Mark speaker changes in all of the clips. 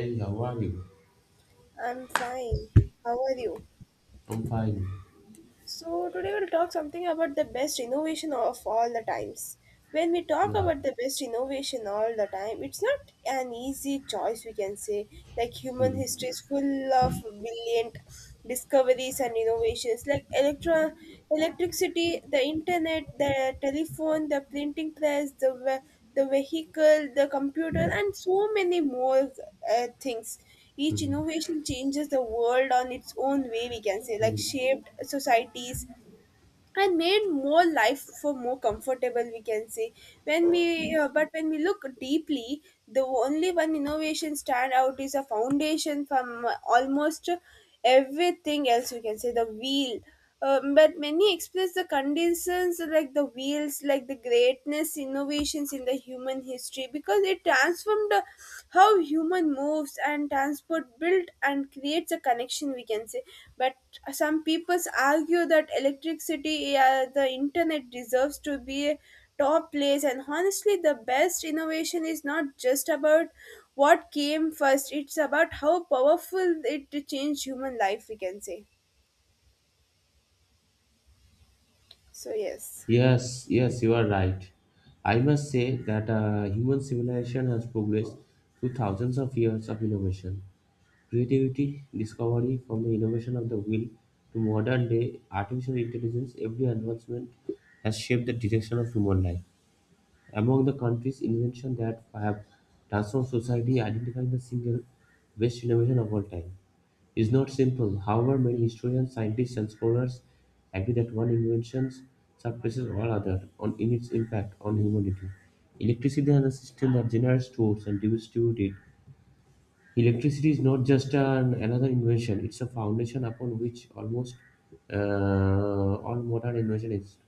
Speaker 1: Hey, how are you?
Speaker 2: I'm fine. How are you?
Speaker 1: I'm fine.
Speaker 2: So, today we'll talk something about the best innovation of all the times. When we talk
Speaker 1: Yeah.
Speaker 2: about the best innovation all the time, it's not an easy choice, we can say. Like, human
Speaker 1: Hmm.
Speaker 2: history is full of brilliant discoveries and innovations, like electricity, the internet, the telephone, the printing press, the vehicle, the computer, and so many more things, each innovation changes the world on its own way, we can say, like shaped societies and made more life for more comfortable, we can say. When we But when we look deeply, the only one innovation stand out is a foundation from almost everything else, we can say: the wheel. But many express the conditions like the wheels, like the greatness innovations in the human history, because it transformed how human moves and transport built and creates a connection, we can say. But some people argue that electricity, the internet deserves to be a top place, and honestly the best innovation is not just about what came first, it's about how powerful it changed human life, we can say. So yes,
Speaker 1: Yes, yes, you are right. I must say that human civilization has progressed through thousands of years of innovation. Creativity, discovery from the innovation of the wheel to modern day artificial intelligence, every advancement has shaped the direction of human life. Among the country's inventions that have transformed society, identifying the single best innovation of all time is not simple. However, many historians, scientists, and scholars agree that one invention surpasses all others in its impact on humanity. Electricity is a system that generates, stores, and distributes it. Electricity is not just another invention; it's a foundation upon which almost all modern invention is.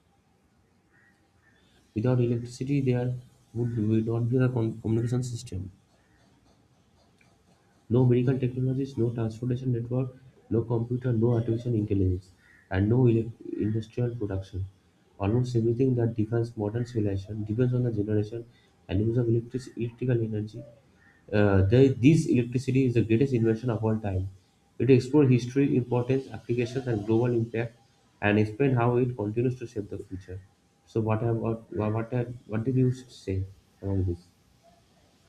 Speaker 1: Without electricity there would not be a con communication system. No medical technologies, no transportation network, no computer, no artificial intelligence, and no ele- industrial production. Almost everything that defines modern civilization depends on the generation and use of electrical energy. This electricity is the greatest invention of all time. It explores history, importance, applications, and global impact, and explain how it continues to shape the future. So, what have, what, have, what did you say about this?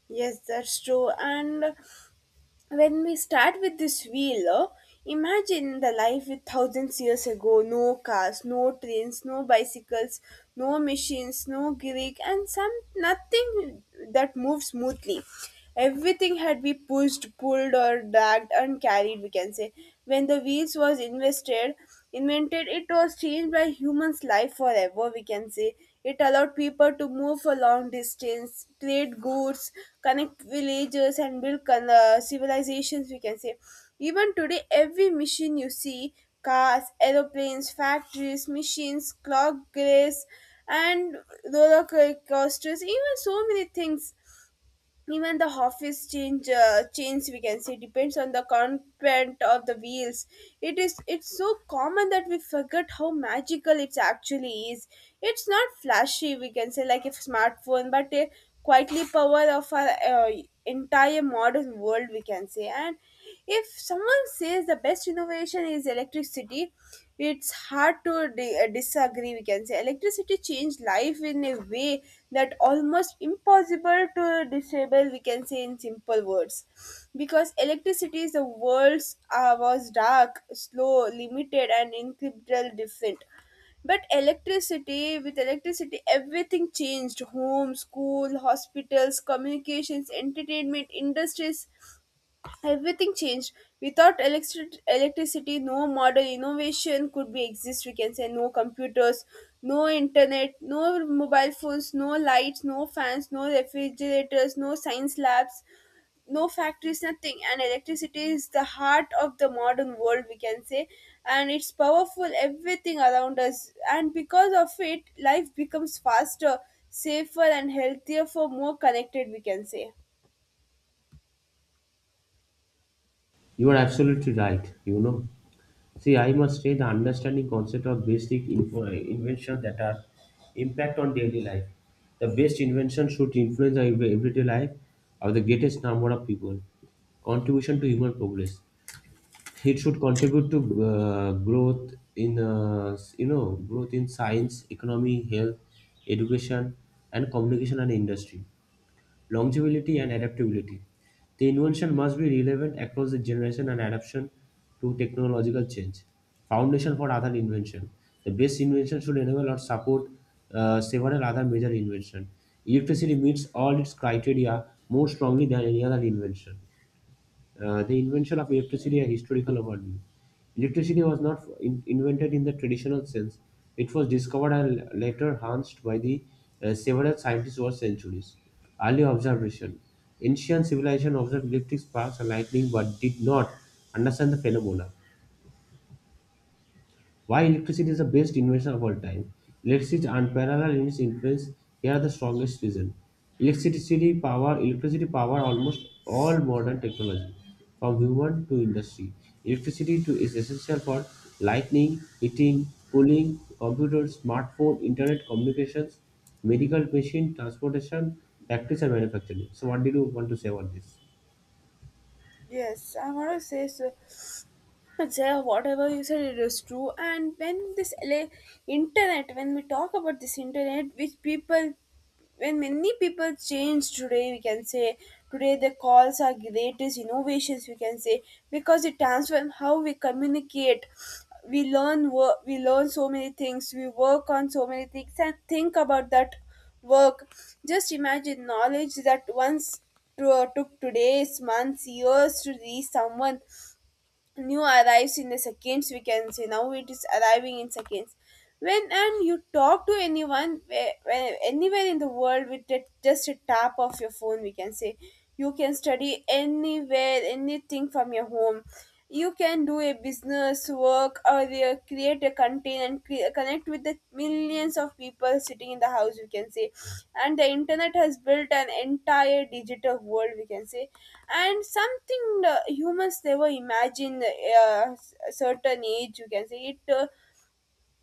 Speaker 2: yes, that's true. And when we start with this wheel, imagine the life with thousands years ago: no cars, no trains, no bicycles, no machines, no Greek, and some nothing that moved smoothly. Everything had to be pushed, pulled, or dragged and carried, we can say. When the invented, it was changed by humans' life forever, we can say. It allowed people to move for long distance, trade goods, connect villages, and build civilizations, we can say. Even today, every machine you see: cars, aeroplanes, factories, machines, clock grids, and coasters, even so many things, even the office change chains, we can say, depends on the content of the wheels. It's so common that we forget how magical it actually is. It's not flashy, we can say, like a smartphone, but a quietly power of our entire modern world, we can say. And if someone says the best innovation is electricity, it's hard to disagree. We can say electricity changed life in a way that almost impossible to disable. We can say in simple words, because electricity is the world's was dark, slow, limited, and incredible different. But electricity, with electricity, everything changed. Home, school, hospitals, communications, entertainment, industries, everything changed. Without electricity, no modern innovation could be exist, we can say. No computers, no internet, no mobile phones, no lights, no fans, no refrigerators, no science labs, no factories, nothing. And electricity is the heart of the modern world, we can say, and it's powerful everything around us, and because of it life becomes faster, safer and healthier for more connected, we can say.
Speaker 1: You are absolutely right. You know, see, I must say the understanding concept of basic inventions that are impact on daily life. The best invention should influence our everyday life of the greatest number of people. Contribution to human progress. It should contribute to growth in growth in science, economy, health, education, and communication and industry. Longevity and adaptability. The invention must be relevant across the generation and adaptation to technological change. Foundation for other invention. The best invention should enable or support several other major invention. Electricity meets all its criteria more strongly than any other invention. The invention of electricity, a historical overview. Electricity was not invented in the traditional sense. It was discovered and later enhanced by the several scientists over centuries. Early observation. Ancient civilization observed electric sparks and lightning but did not understand the phenomena. Why electricity is the best invention of all time, electricity is unparalleled in its influence. Here are the strongest reasons. Electricity power almost all modern technology, from human to industry. Electricity to is essential for lighting, heating, cooling, computers, smartphone, internet communications, medical machine, transportation, factories and manufacturing. So what did you want to say about this?
Speaker 2: Yes, I want to say so. But sir, whatever you said, it is true. And when this LA internet, when we talk about this internet, which people, when many people change today, we can say, today the calls are greatest innovations, we can say, because it transforms how we communicate. We learn work. We learn so many things. We work on so many things and think about that work. Just imagine knowledge that once took today's months, years to reach someone, new arrives in the seconds, we can say. Now it is arriving in seconds. When and you talk to anyone anywhere in the world with that, just a tap of your phone, we can say. You can study anywhere, anything from your home. You can do a business this work, or they create a content and connect with the millions of people sitting in the house, we can say. And the internet has built an entire digital world, we can say, and something the humans never imagined. A certain age you can say it,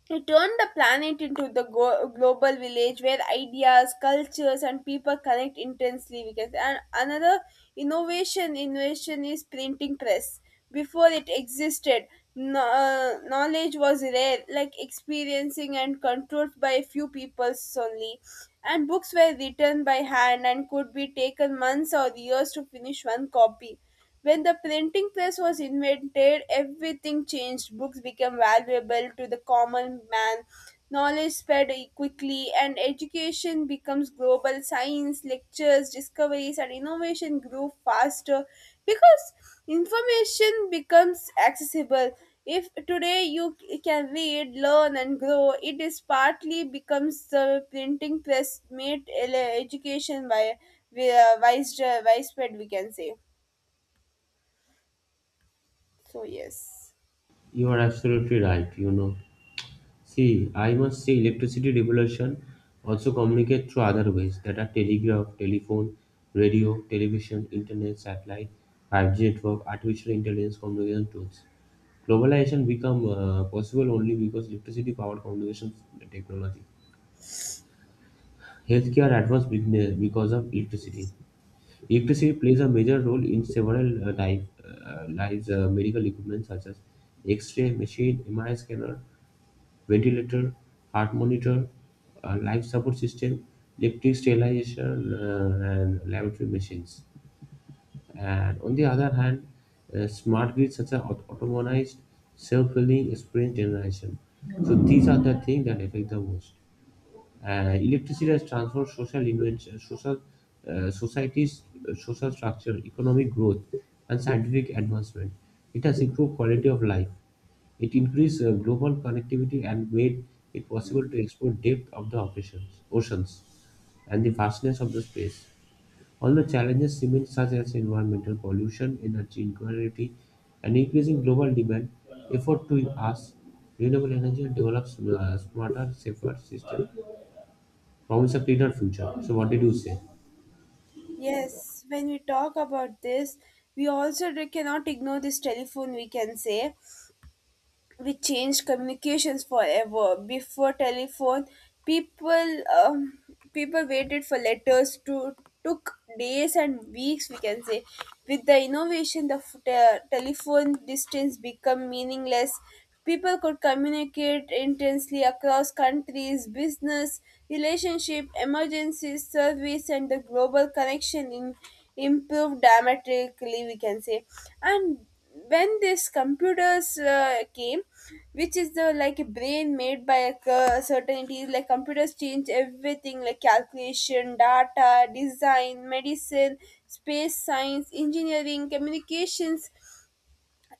Speaker 2: he turned the planet into the global village where ideas, cultures, and people connect intensely, we can say. And another innovation is printing press. Before it existed, no, knowledge was rare, like experiencing and controlled by a few people only. And books were written by hand and could be taken months or years to finish one copy. When the printing press was invented, everything changed. Books became valuable to the common man, knowledge spread quickly, and education becomes global. Science, lectures, discoveries, and innovation grew faster because information becomes accessible. If today you can read, learn, and grow, it is partly becomes the printing press made education by widespread, we can say. So, yes.
Speaker 1: You are absolutely right, you know. See, I must say electricity revolution also communicate through other ways that are telegraph, telephone, radio, television, internet, satellite, 5G network, artificial intelligence communication tools. Globalization become possible only because electricity powered communications technology. Healthcare advanced because of electricity. Electricity plays a major role in several lives, medical equipment such as X-ray machine, MRI scanner, ventilator, heart monitor, life support system, electric sterilization, and laboratory machines. And on the other hand, smart grids such as autonomized self-filling sprint generation. So these are the things that affect the most. Electricity has transformed social invention, social societies, social structure, economic growth, and scientific advancement. It has improved quality of life. It increased global connectivity and made it possible to explore depth of the oceans and the vastness of the space. All the challenges remain such as environmental pollution, energy inequality, and increasing global demand, effort to us renewable energy and develop smarter, safer systems promise a cleaner future. So what did you say?
Speaker 2: Yes, when we talk about this, we also cannot ignore this telephone, we can say. We changed communications forever. Before telephone, people um, people waited for letters to took days and weeks, we can say. With the innovation, the telephone, distance become meaningless. People could communicate intensely across countries, business relationship, emergencies service, and the global connection in improved dramatically, we can say. And when this computers came, which is the like a brain made by a certain entities, like computers change everything, like calculation, data, design, medicine, space science, engineering, communications.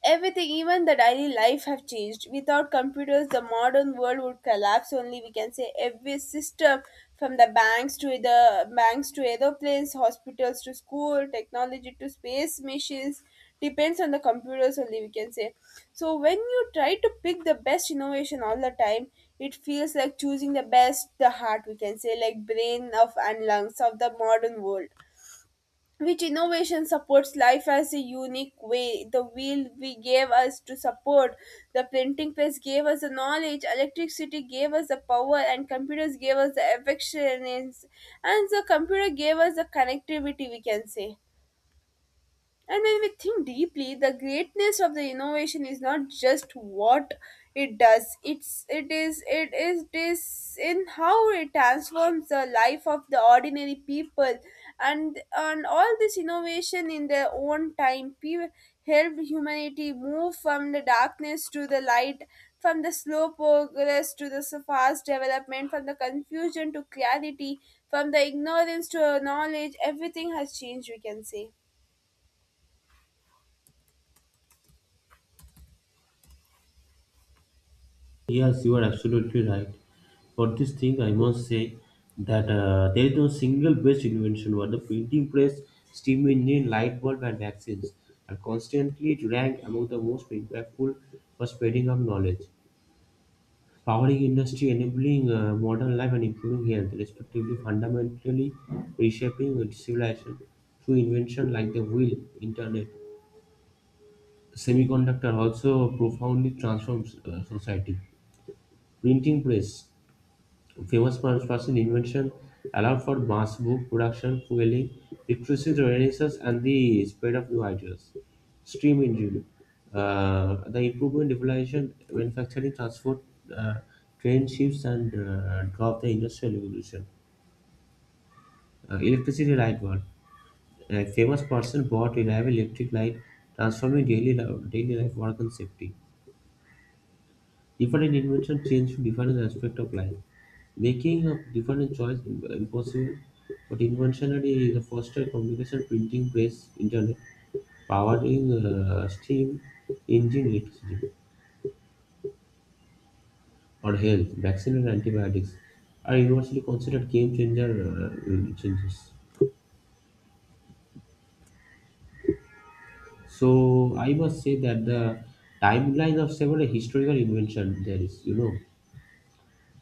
Speaker 2: Everything, even the daily life, have changed. Without computers, the modern world would collapse. Only we can say every system, from the banks to aeroplanes, hospitals to school, technology to space missions, depends on the computers. Only we can say. So when you try to pick the best innovation all the time, it feels like choosing the best the heart. We can say like brain of and lungs of the modern world, which innovation supports life as a unique way. The wheel we gave us to support, the printing press gave us the knowledge, electricity gave us the power, and computers gave us the affections, and the computer gave us the connectivity, we can say. And when we think deeply, the greatness of the innovation is not just what it does, it is this in how it transforms the life of the ordinary people, and all this innovation in their own time helped humanity move from the darkness to the light, from the slow progress to the fast development, from the confusion to clarity, from the ignorance to knowledge, everything has changed, we can say.
Speaker 1: Yes, you are absolutely right. For this thing, I must say that there is no single best invention. What the printing press, steam engine, light bulb, and vaccines are constantly ranked among the most impactful for spreading of knowledge, powering industry, enabling modern life, and improving health, respectively, fundamentally reshaping civilization through invention like the wheel, internet, semiconductor also profoundly transforms society. Printing press. Famous Punch was an invention allowed for mass book production, fueling literacy, the Renaissance, and the spread of new ideas. Steam engine. The improvement, devolution, manufacturing, transport, uh, train ships, and drop the industrial revolution. Electricity light bulb. A famous person bought reliable electric light, transforming daily life, work, and safety. Different inventions changed different aspects of life, making a different choice impossible. But inventionary is the faster communication, printing press, internet, powering steam, engine, electricity, or health, vaccine and antibiotics are universally considered game changer changes. So I must say that the timeline of several historical invention there is, you know,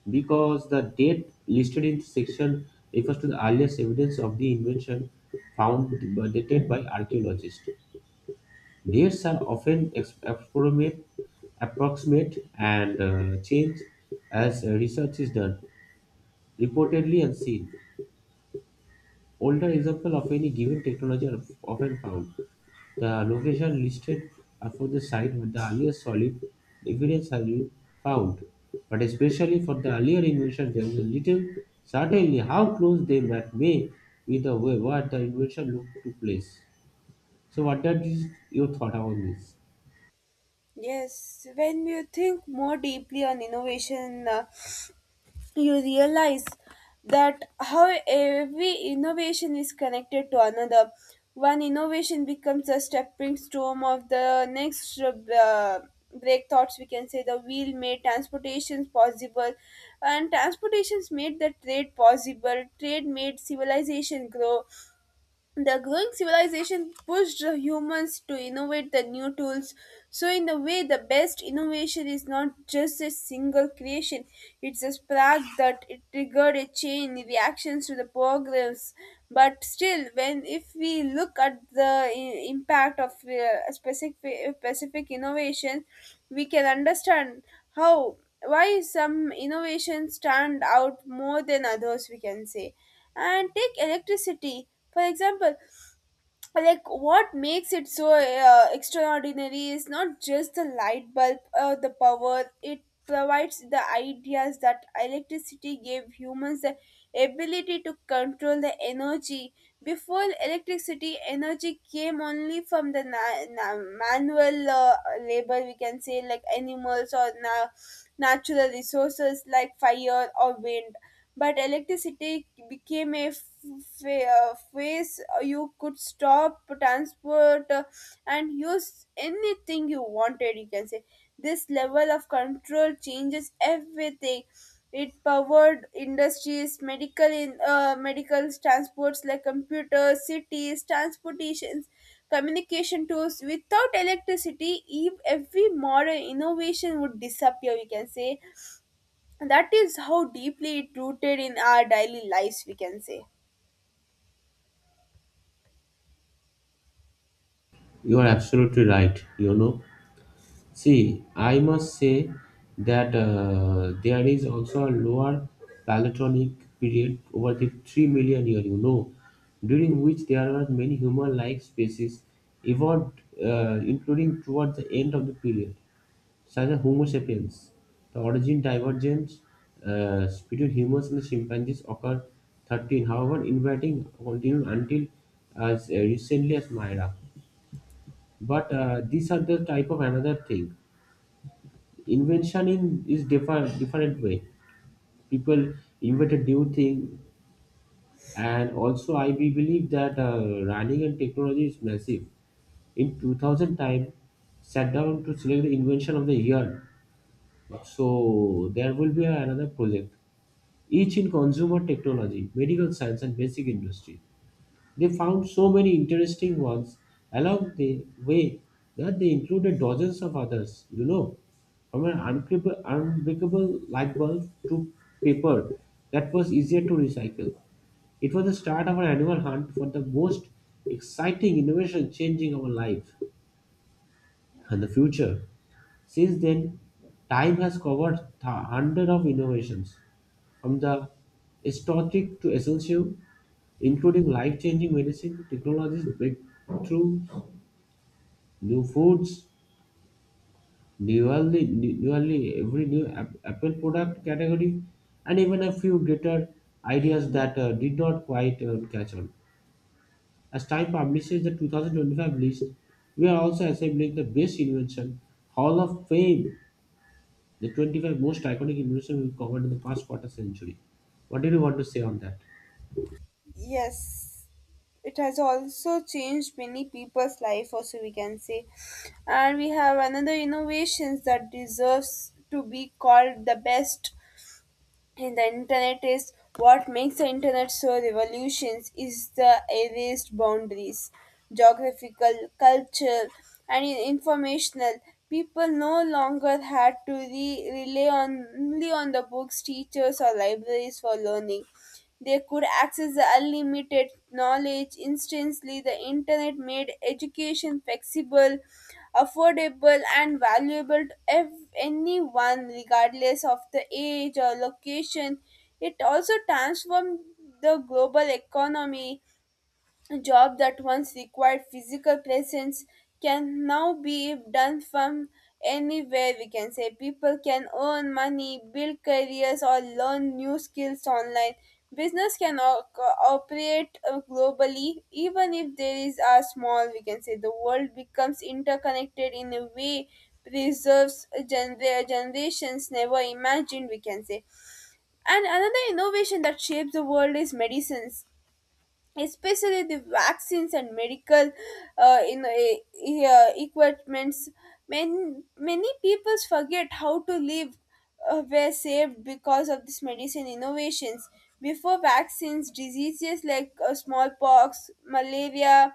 Speaker 1: because the date listed in section refers to the earliest evidence of the invention found dated by archaeologists. Dates are often approximate and change as research is done, reportedly unseen. Older examples of any given technology are often found. The locations listed are for the site with the earliest solid evidence has been found. But especially for the earlier invention, there is a little certainly how close they might may be the way what the invention looked to place. So, what that is your thought about this?
Speaker 2: Yes, when you think more deeply on innovation, you realize that how every innovation is connected to another. One innovation becomes a stepping stone of the next breakthroughs, we can say. The wheel made transportations possible, and transportations made the trade possible. Trade made civilization grow, the growing civilization pushed the humans to innovate the new tools. So, in a way, the best innovation is not just a single creation, it's a spark that it triggered a chain reactions to the progress. But still, when if we look at the impact of specific innovation, we can understand how why some innovations stand out more than others, we can say. And take electricity for example, like what makes it so extraordinary is not just the light bulb or the power it provides, the ideas that electricity gave humans the ability to control the energy. Before electricity, energy came only from the manual labor, we can say, like animals or natural resources like fire or wind. But electricity became a phase you could stop, transport, and use anything you wanted, you can say. This level of control changes everything. It powered industries, medical transports, like computers, cities, transportations, communication tools. Without electricity, every modern innovation would disappear, we can say. That is how deeply it rooted in our daily lives, we can say.
Speaker 1: You are absolutely right. You know, see, I must say that there is also a lower Paleolithic period over the 3 million year, you know, during which there were many human-like species evolved, including towards the end of the period, such as Homo sapiens. The origin divergence between humans and the chimpanzees occurred 13, however, inviting continued until as recently as Myra. But these are the type of another thing invention in is different different way people invent a new thing and also I be believe that running and technology is massive in 2000 time sat down to select the invention of the year, so there will be another project each in consumer technology medical science and basic industry. They found so many interesting ones along the way that they included dozens of others, you know, from an unbreakable light bulb to paper that was easier to recycle. It was the start of an annual hunt for the most exciting innovation changing our life and the future. Since then, time has covered hundreds of innovations, from the aesthetic to essential, including life-changing medicine technologies, breakthroughs, new foods, nearly every new Apple product category, and even a few greater ideas that did not quite catch on. As Time publishes the 2025 list, we are also assembling the best invention Hall of Fame, the 25 most iconic inventions we've covered in the past quarter century. What do you want to say on that?
Speaker 2: Yes, it has also changed many people's life also, we can say. And we have another innovations that deserves to be called the best. In the internet is what makes the internet so revolutions is the erased boundaries: geographical, cultural, and informational. People no longer had to rely on, only on the books, teachers or libraries for learning. They could access the unlimited knowledge instantly. The internet made education flexible, affordable, and valuable to anyone, regardless of the age or location. It also transformed the global economy. A job that once required physical presence can now be done from anywhere, we can say. People can earn money, build careers, or learn new skills online. Business can operate globally, even if there is a small, we can say. The world becomes interconnected in a way preserves generations never imagined, we can say. And another innovation that shapes the world is medicines, especially the vaccines and medical equipments. Many people forget how to live, were saved because of this medicine innovations. Before vaccines, diseases like smallpox, malaria,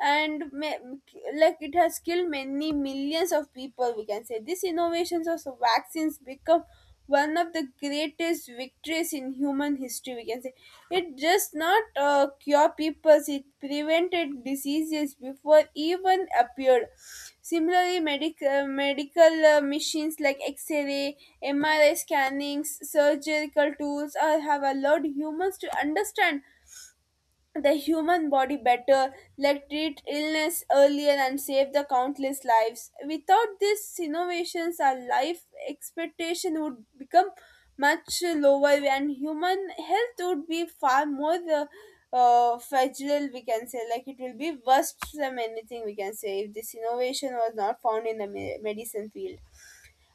Speaker 2: and like it has killed many millions of people, we can say. These innovations of vaccines become one of the greatest victories in human history, we can say. It just not cure people, it prevented diseases before even appeared. Similarly, medical machines like x-ray, mri scannings, surgical tools have allowed humans to understand the human body better, let treat illness earlier and save the countless lives. Without these innovations, our life expectation would become much lower and human health would be far more fragile, we can say. Like it will be worse than anything, we can say, if this innovation was not found in the medicine field.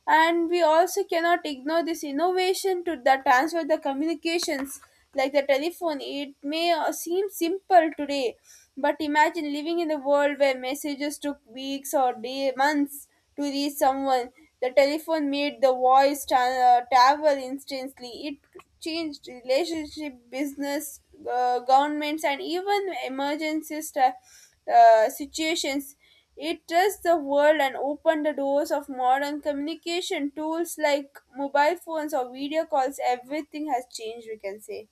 Speaker 2: And we also cannot ignore this innovation to the transfer the communications, like the telephone. It may seem simple today, but imagine living in a world where messages took weeks or day months to reach someone. The telephone made the voice travel instantly. It changed relationship, business, governments, and even emergency situations. It touched the world and opened the doors of modern communication tools like mobile phones or video calls. Everything has changed, we can say.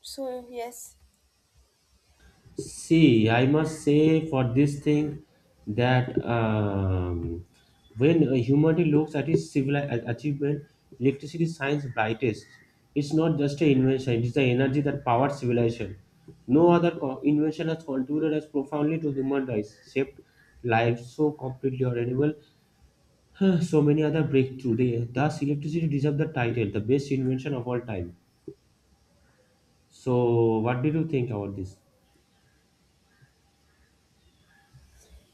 Speaker 2: So, yes.
Speaker 1: See, I must say for this thing that when humanity looks at its civil achievement, electricity shines brightest. It's not just an invention; it's the energy that powered civilization. No other invention has contributed as profoundly to human rights, shaped lives so completely or enable so many other breakthrough. Thus, electricity deserves the title, the best invention of all time. So, what did you think about this?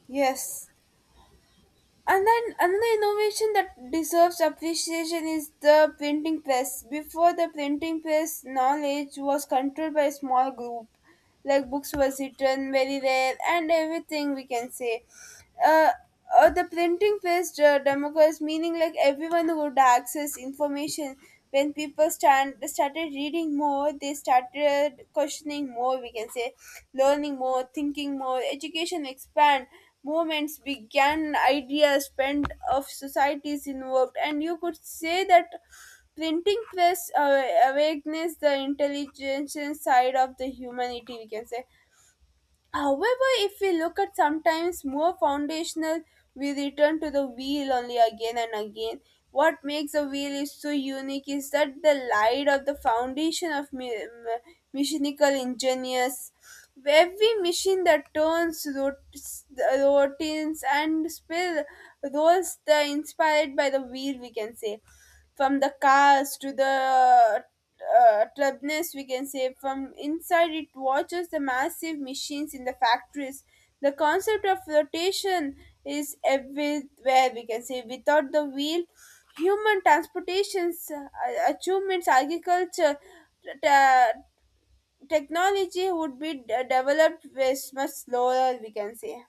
Speaker 2: Yes. And then another innovation that deserves appreciation is the printing press. Before the printing press, knowledge was controlled by a small group. Like books was written very rare and everything, we can say. uh, the printing press democracy, meaning like everyone would access information. When people stand, started reading more, they started questioning more. We can say, learning more, thinking more. Education expand. Movements began. Ideas spent of societies involved, and you could say that printing press awakeness the intelligence side of the humanity, we can say. However, if we look at sometimes more foundational, we return to the wheel only again and again. What makes a wheel is so unique is that the light of the foundation of mechanical engineers. Every machine that turns, rotates and spill rolls the inspired by the wheel, we can say, from the cars to the trebness, we can say, from inside it watches the massive machines in the factories. The concept of rotation is everywhere, we can say. Without the wheel, human transportations, achievements, agriculture, t- uh, technology would be developed with much slower, we can say.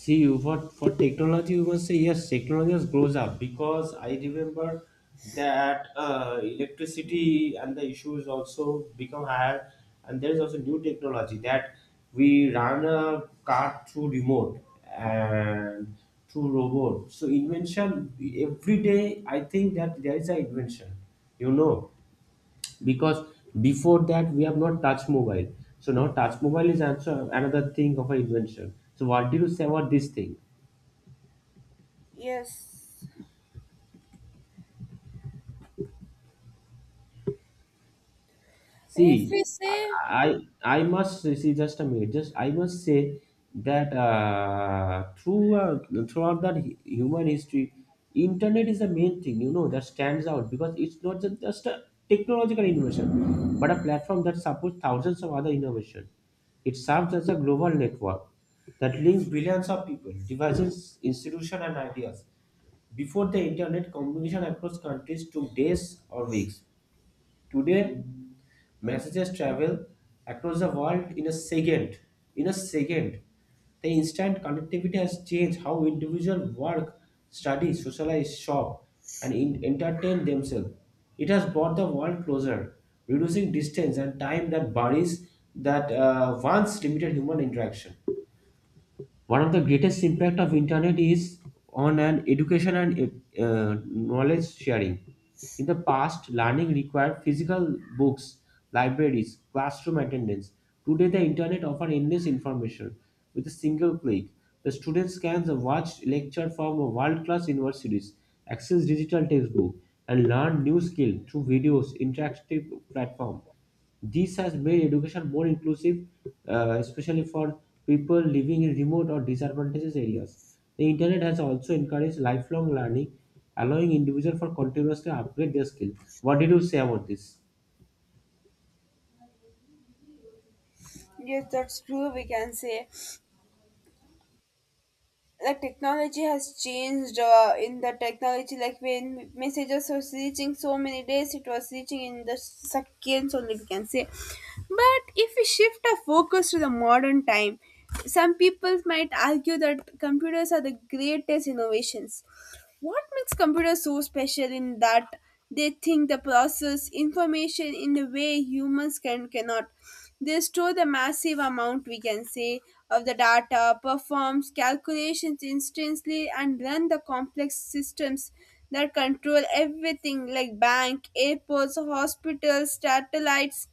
Speaker 1: See, you for technology, you must say yes. Technology has grows up because I remember that electricity and the issues also become higher, and there is also new technology that we run a car through remote and through robot. So invention every day. I think that there is an invention. You know, because before that we have not touched mobile. So now touch mobile is also another thing of an invention. So what do you say about this thing?
Speaker 2: Yes. If
Speaker 1: See,
Speaker 2: we say
Speaker 1: I must see just a minute. Just I must say that throughout that human history, internet is the main thing you know that stands out because it's not just a technological innovation, but a platform that supports thousands of other innovation. It serves as a global network that links billions of people, devices, institutions, and ideas. Before the internet, communication across countries took days or weeks. Today, messages travel across the world in a second. In a second. The instant connectivity has changed how individuals work, study, socialize, shop, and entertain themselves. It has brought the world closer, reducing distance and time that buries that once limited human interaction. One of the greatest impact of internet is on an education and knowledge sharing. In the past learning required physical books, libraries, classroom attendance. Today the internet offers endless information with a single click. The students can watch lecture from a world-class universities, access digital textbook, and learn new skill through videos interactive platform. This has made education more inclusive, especially for people living in remote or disadvantaged areas. The internet has also encouraged lifelong learning, allowing individuals for continuously upgrade their skill. What did you say about this?
Speaker 2: yes, that's true, we can say. The technology has changed in the technology, like when messages was reaching so many days, it was reaching in the seconds only, we can say. But if we shift our focus to the modern time, some people might argue that computers are the greatest innovations. What makes computers so special in that they think the process information in a way humans cannot. They store the massive amount, we can say, of the data, performs calculations instantly and run the complex systems that control everything like bank, airports, hospitals, satellites,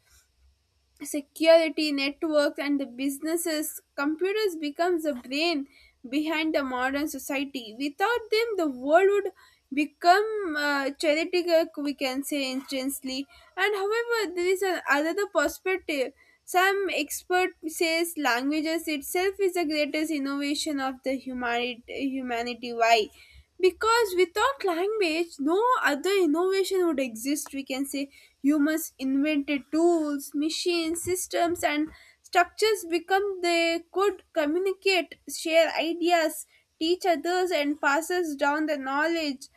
Speaker 2: security networks and the businesses. Computers becomes the brain behind the modern society. Without them, the world would become theoretical, we can say, instantly. And however, there is another perspective. Some expert says languages itself is the greatest innovation of the humanity. Why? Because without language, no other innovation would exist, we can say. Humans invented tools, machines, systems and structures become they could communicate, share ideas, teach others and passes down the knowledge.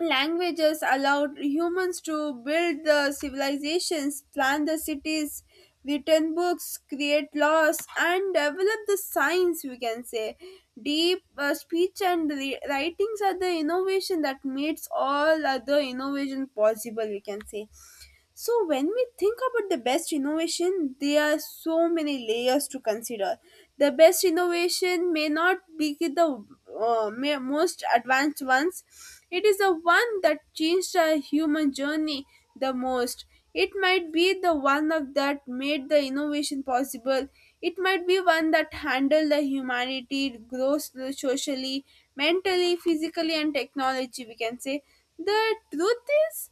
Speaker 2: Languages allowed humans to build the civilizations, plan the cities, written books, create laws, and develop the science, we can say. Deep speech and writings are the innovation that makes all other innovation possible, we can say. So when we think about the best innovation, there are so many layers to consider. The best innovation may not be the most advanced ones. It is the one that changed our human journey the most. It might be the one of that made the innovation possible. It might be one that handled the humanity grows socially, mentally, physically, and technology. We can say the truth is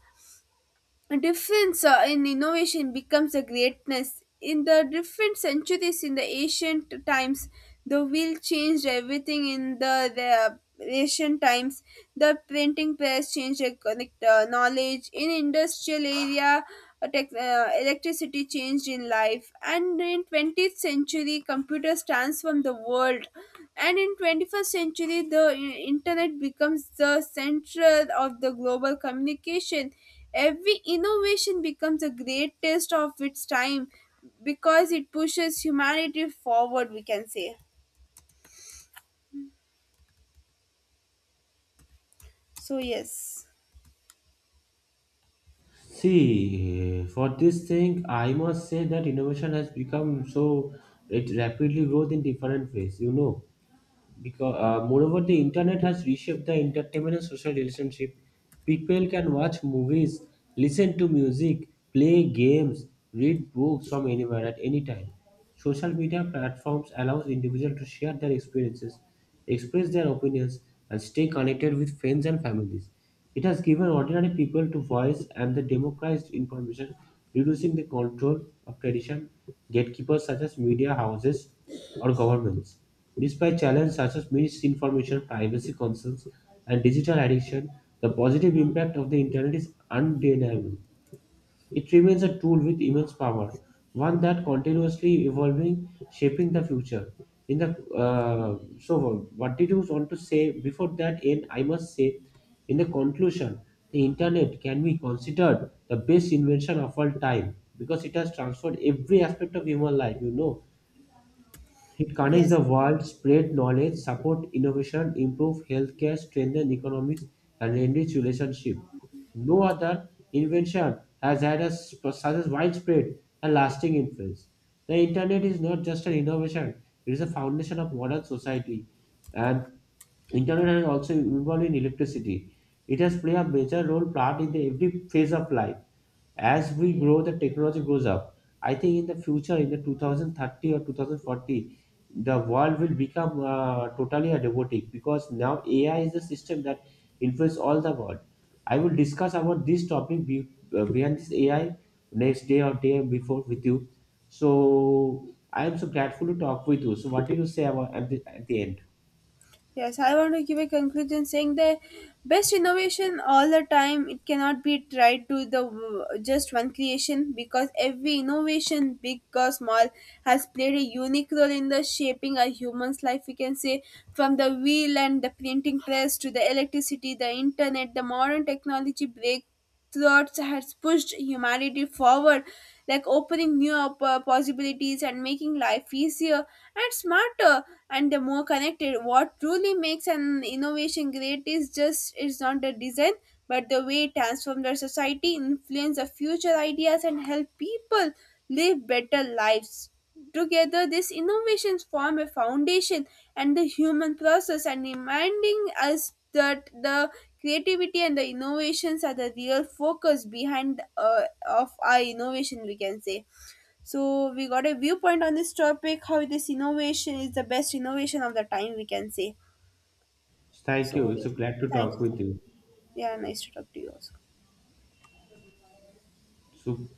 Speaker 2: difference in innovation becomes a greatness. In the different centuries, in the ancient times, the wheel changed everything in the ancient times. The printing press changed the knowledge. In industrial area, electricity changed in life. And in 20th century, computers transformed the world. And in 21st century, the internet becomes the center of the global communication. Every innovation becomes a great test of its time because it pushes humanity forward, we can say. So, yes,
Speaker 1: See, for this thing, I must say that innovation has become so it rapidly grows in different ways. You know, because moreover the internet has reshaped the entertainment and social relationship. People can watch movies, listen to music, play games, read books from anywhere at any time. Social media platforms allows individuals to share their experiences, express their opinions, and stay connected with friends and families. It has given ordinary people to voice and the democratized information, reducing the control of tradition gatekeepers such as media houses or governments. Despite challenges such as misinformation, privacy concerns, and digital addiction, the positive impact of the internet is undeniable. It remains a tool with immense power, one that continuously evolving, shaping the future. In the so, what did you want to say before that? And I must say, in the conclusion, the internet can be considered the best invention of all time because it has transformed every aspect of human life. You know it connects the
Speaker 2: yes,
Speaker 1: world, spread knowledge, support innovation, improve healthcare, strengthen economics, and enrich relationship. No other invention has had s- such a widespread and lasting influence. The internet is not just an innovation; it is a foundation of modern society. And internet has also involved in electricity. It has played a major role part in the every phase of life. As we grow the technology grows up, I think in the future in the 2030 or 2040 the world will become totally a robotic because now AI is the system that influences all the world. I will discuss about this topic behind this AI next day or day before with you. So I am so grateful to talk with you. So what did you say about at the end?
Speaker 2: yes, I want to give a conclusion saying the best innovation all the time, it cannot be tried to just one creation because every innovation, big or small, has played a unique role in the shaping a human's life, we can say, from the wheel and the printing press to the electricity, the internet, the modern technology break. Thoughts has pushed humanity forward, like opening new possibilities and making life easier and smarter and the more connected. What truly makes an innovation great is just it's not the design, but the way it transforms the society, influence the future ideas, and help people live better lives. Together, these innovations form a foundation and the human process, and reminding us that the creativity and the innovations are the real focus behind of our innovation, we can say. So, we got a viewpoint on this topic: how this innovation is the best innovation of the time, we can say.
Speaker 1: Thank you.
Speaker 2: So.
Speaker 1: It's so glad to
Speaker 2: Thank
Speaker 1: talk
Speaker 2: you.
Speaker 1: with you.
Speaker 2: Yeah, nice to talk to you also.
Speaker 1: So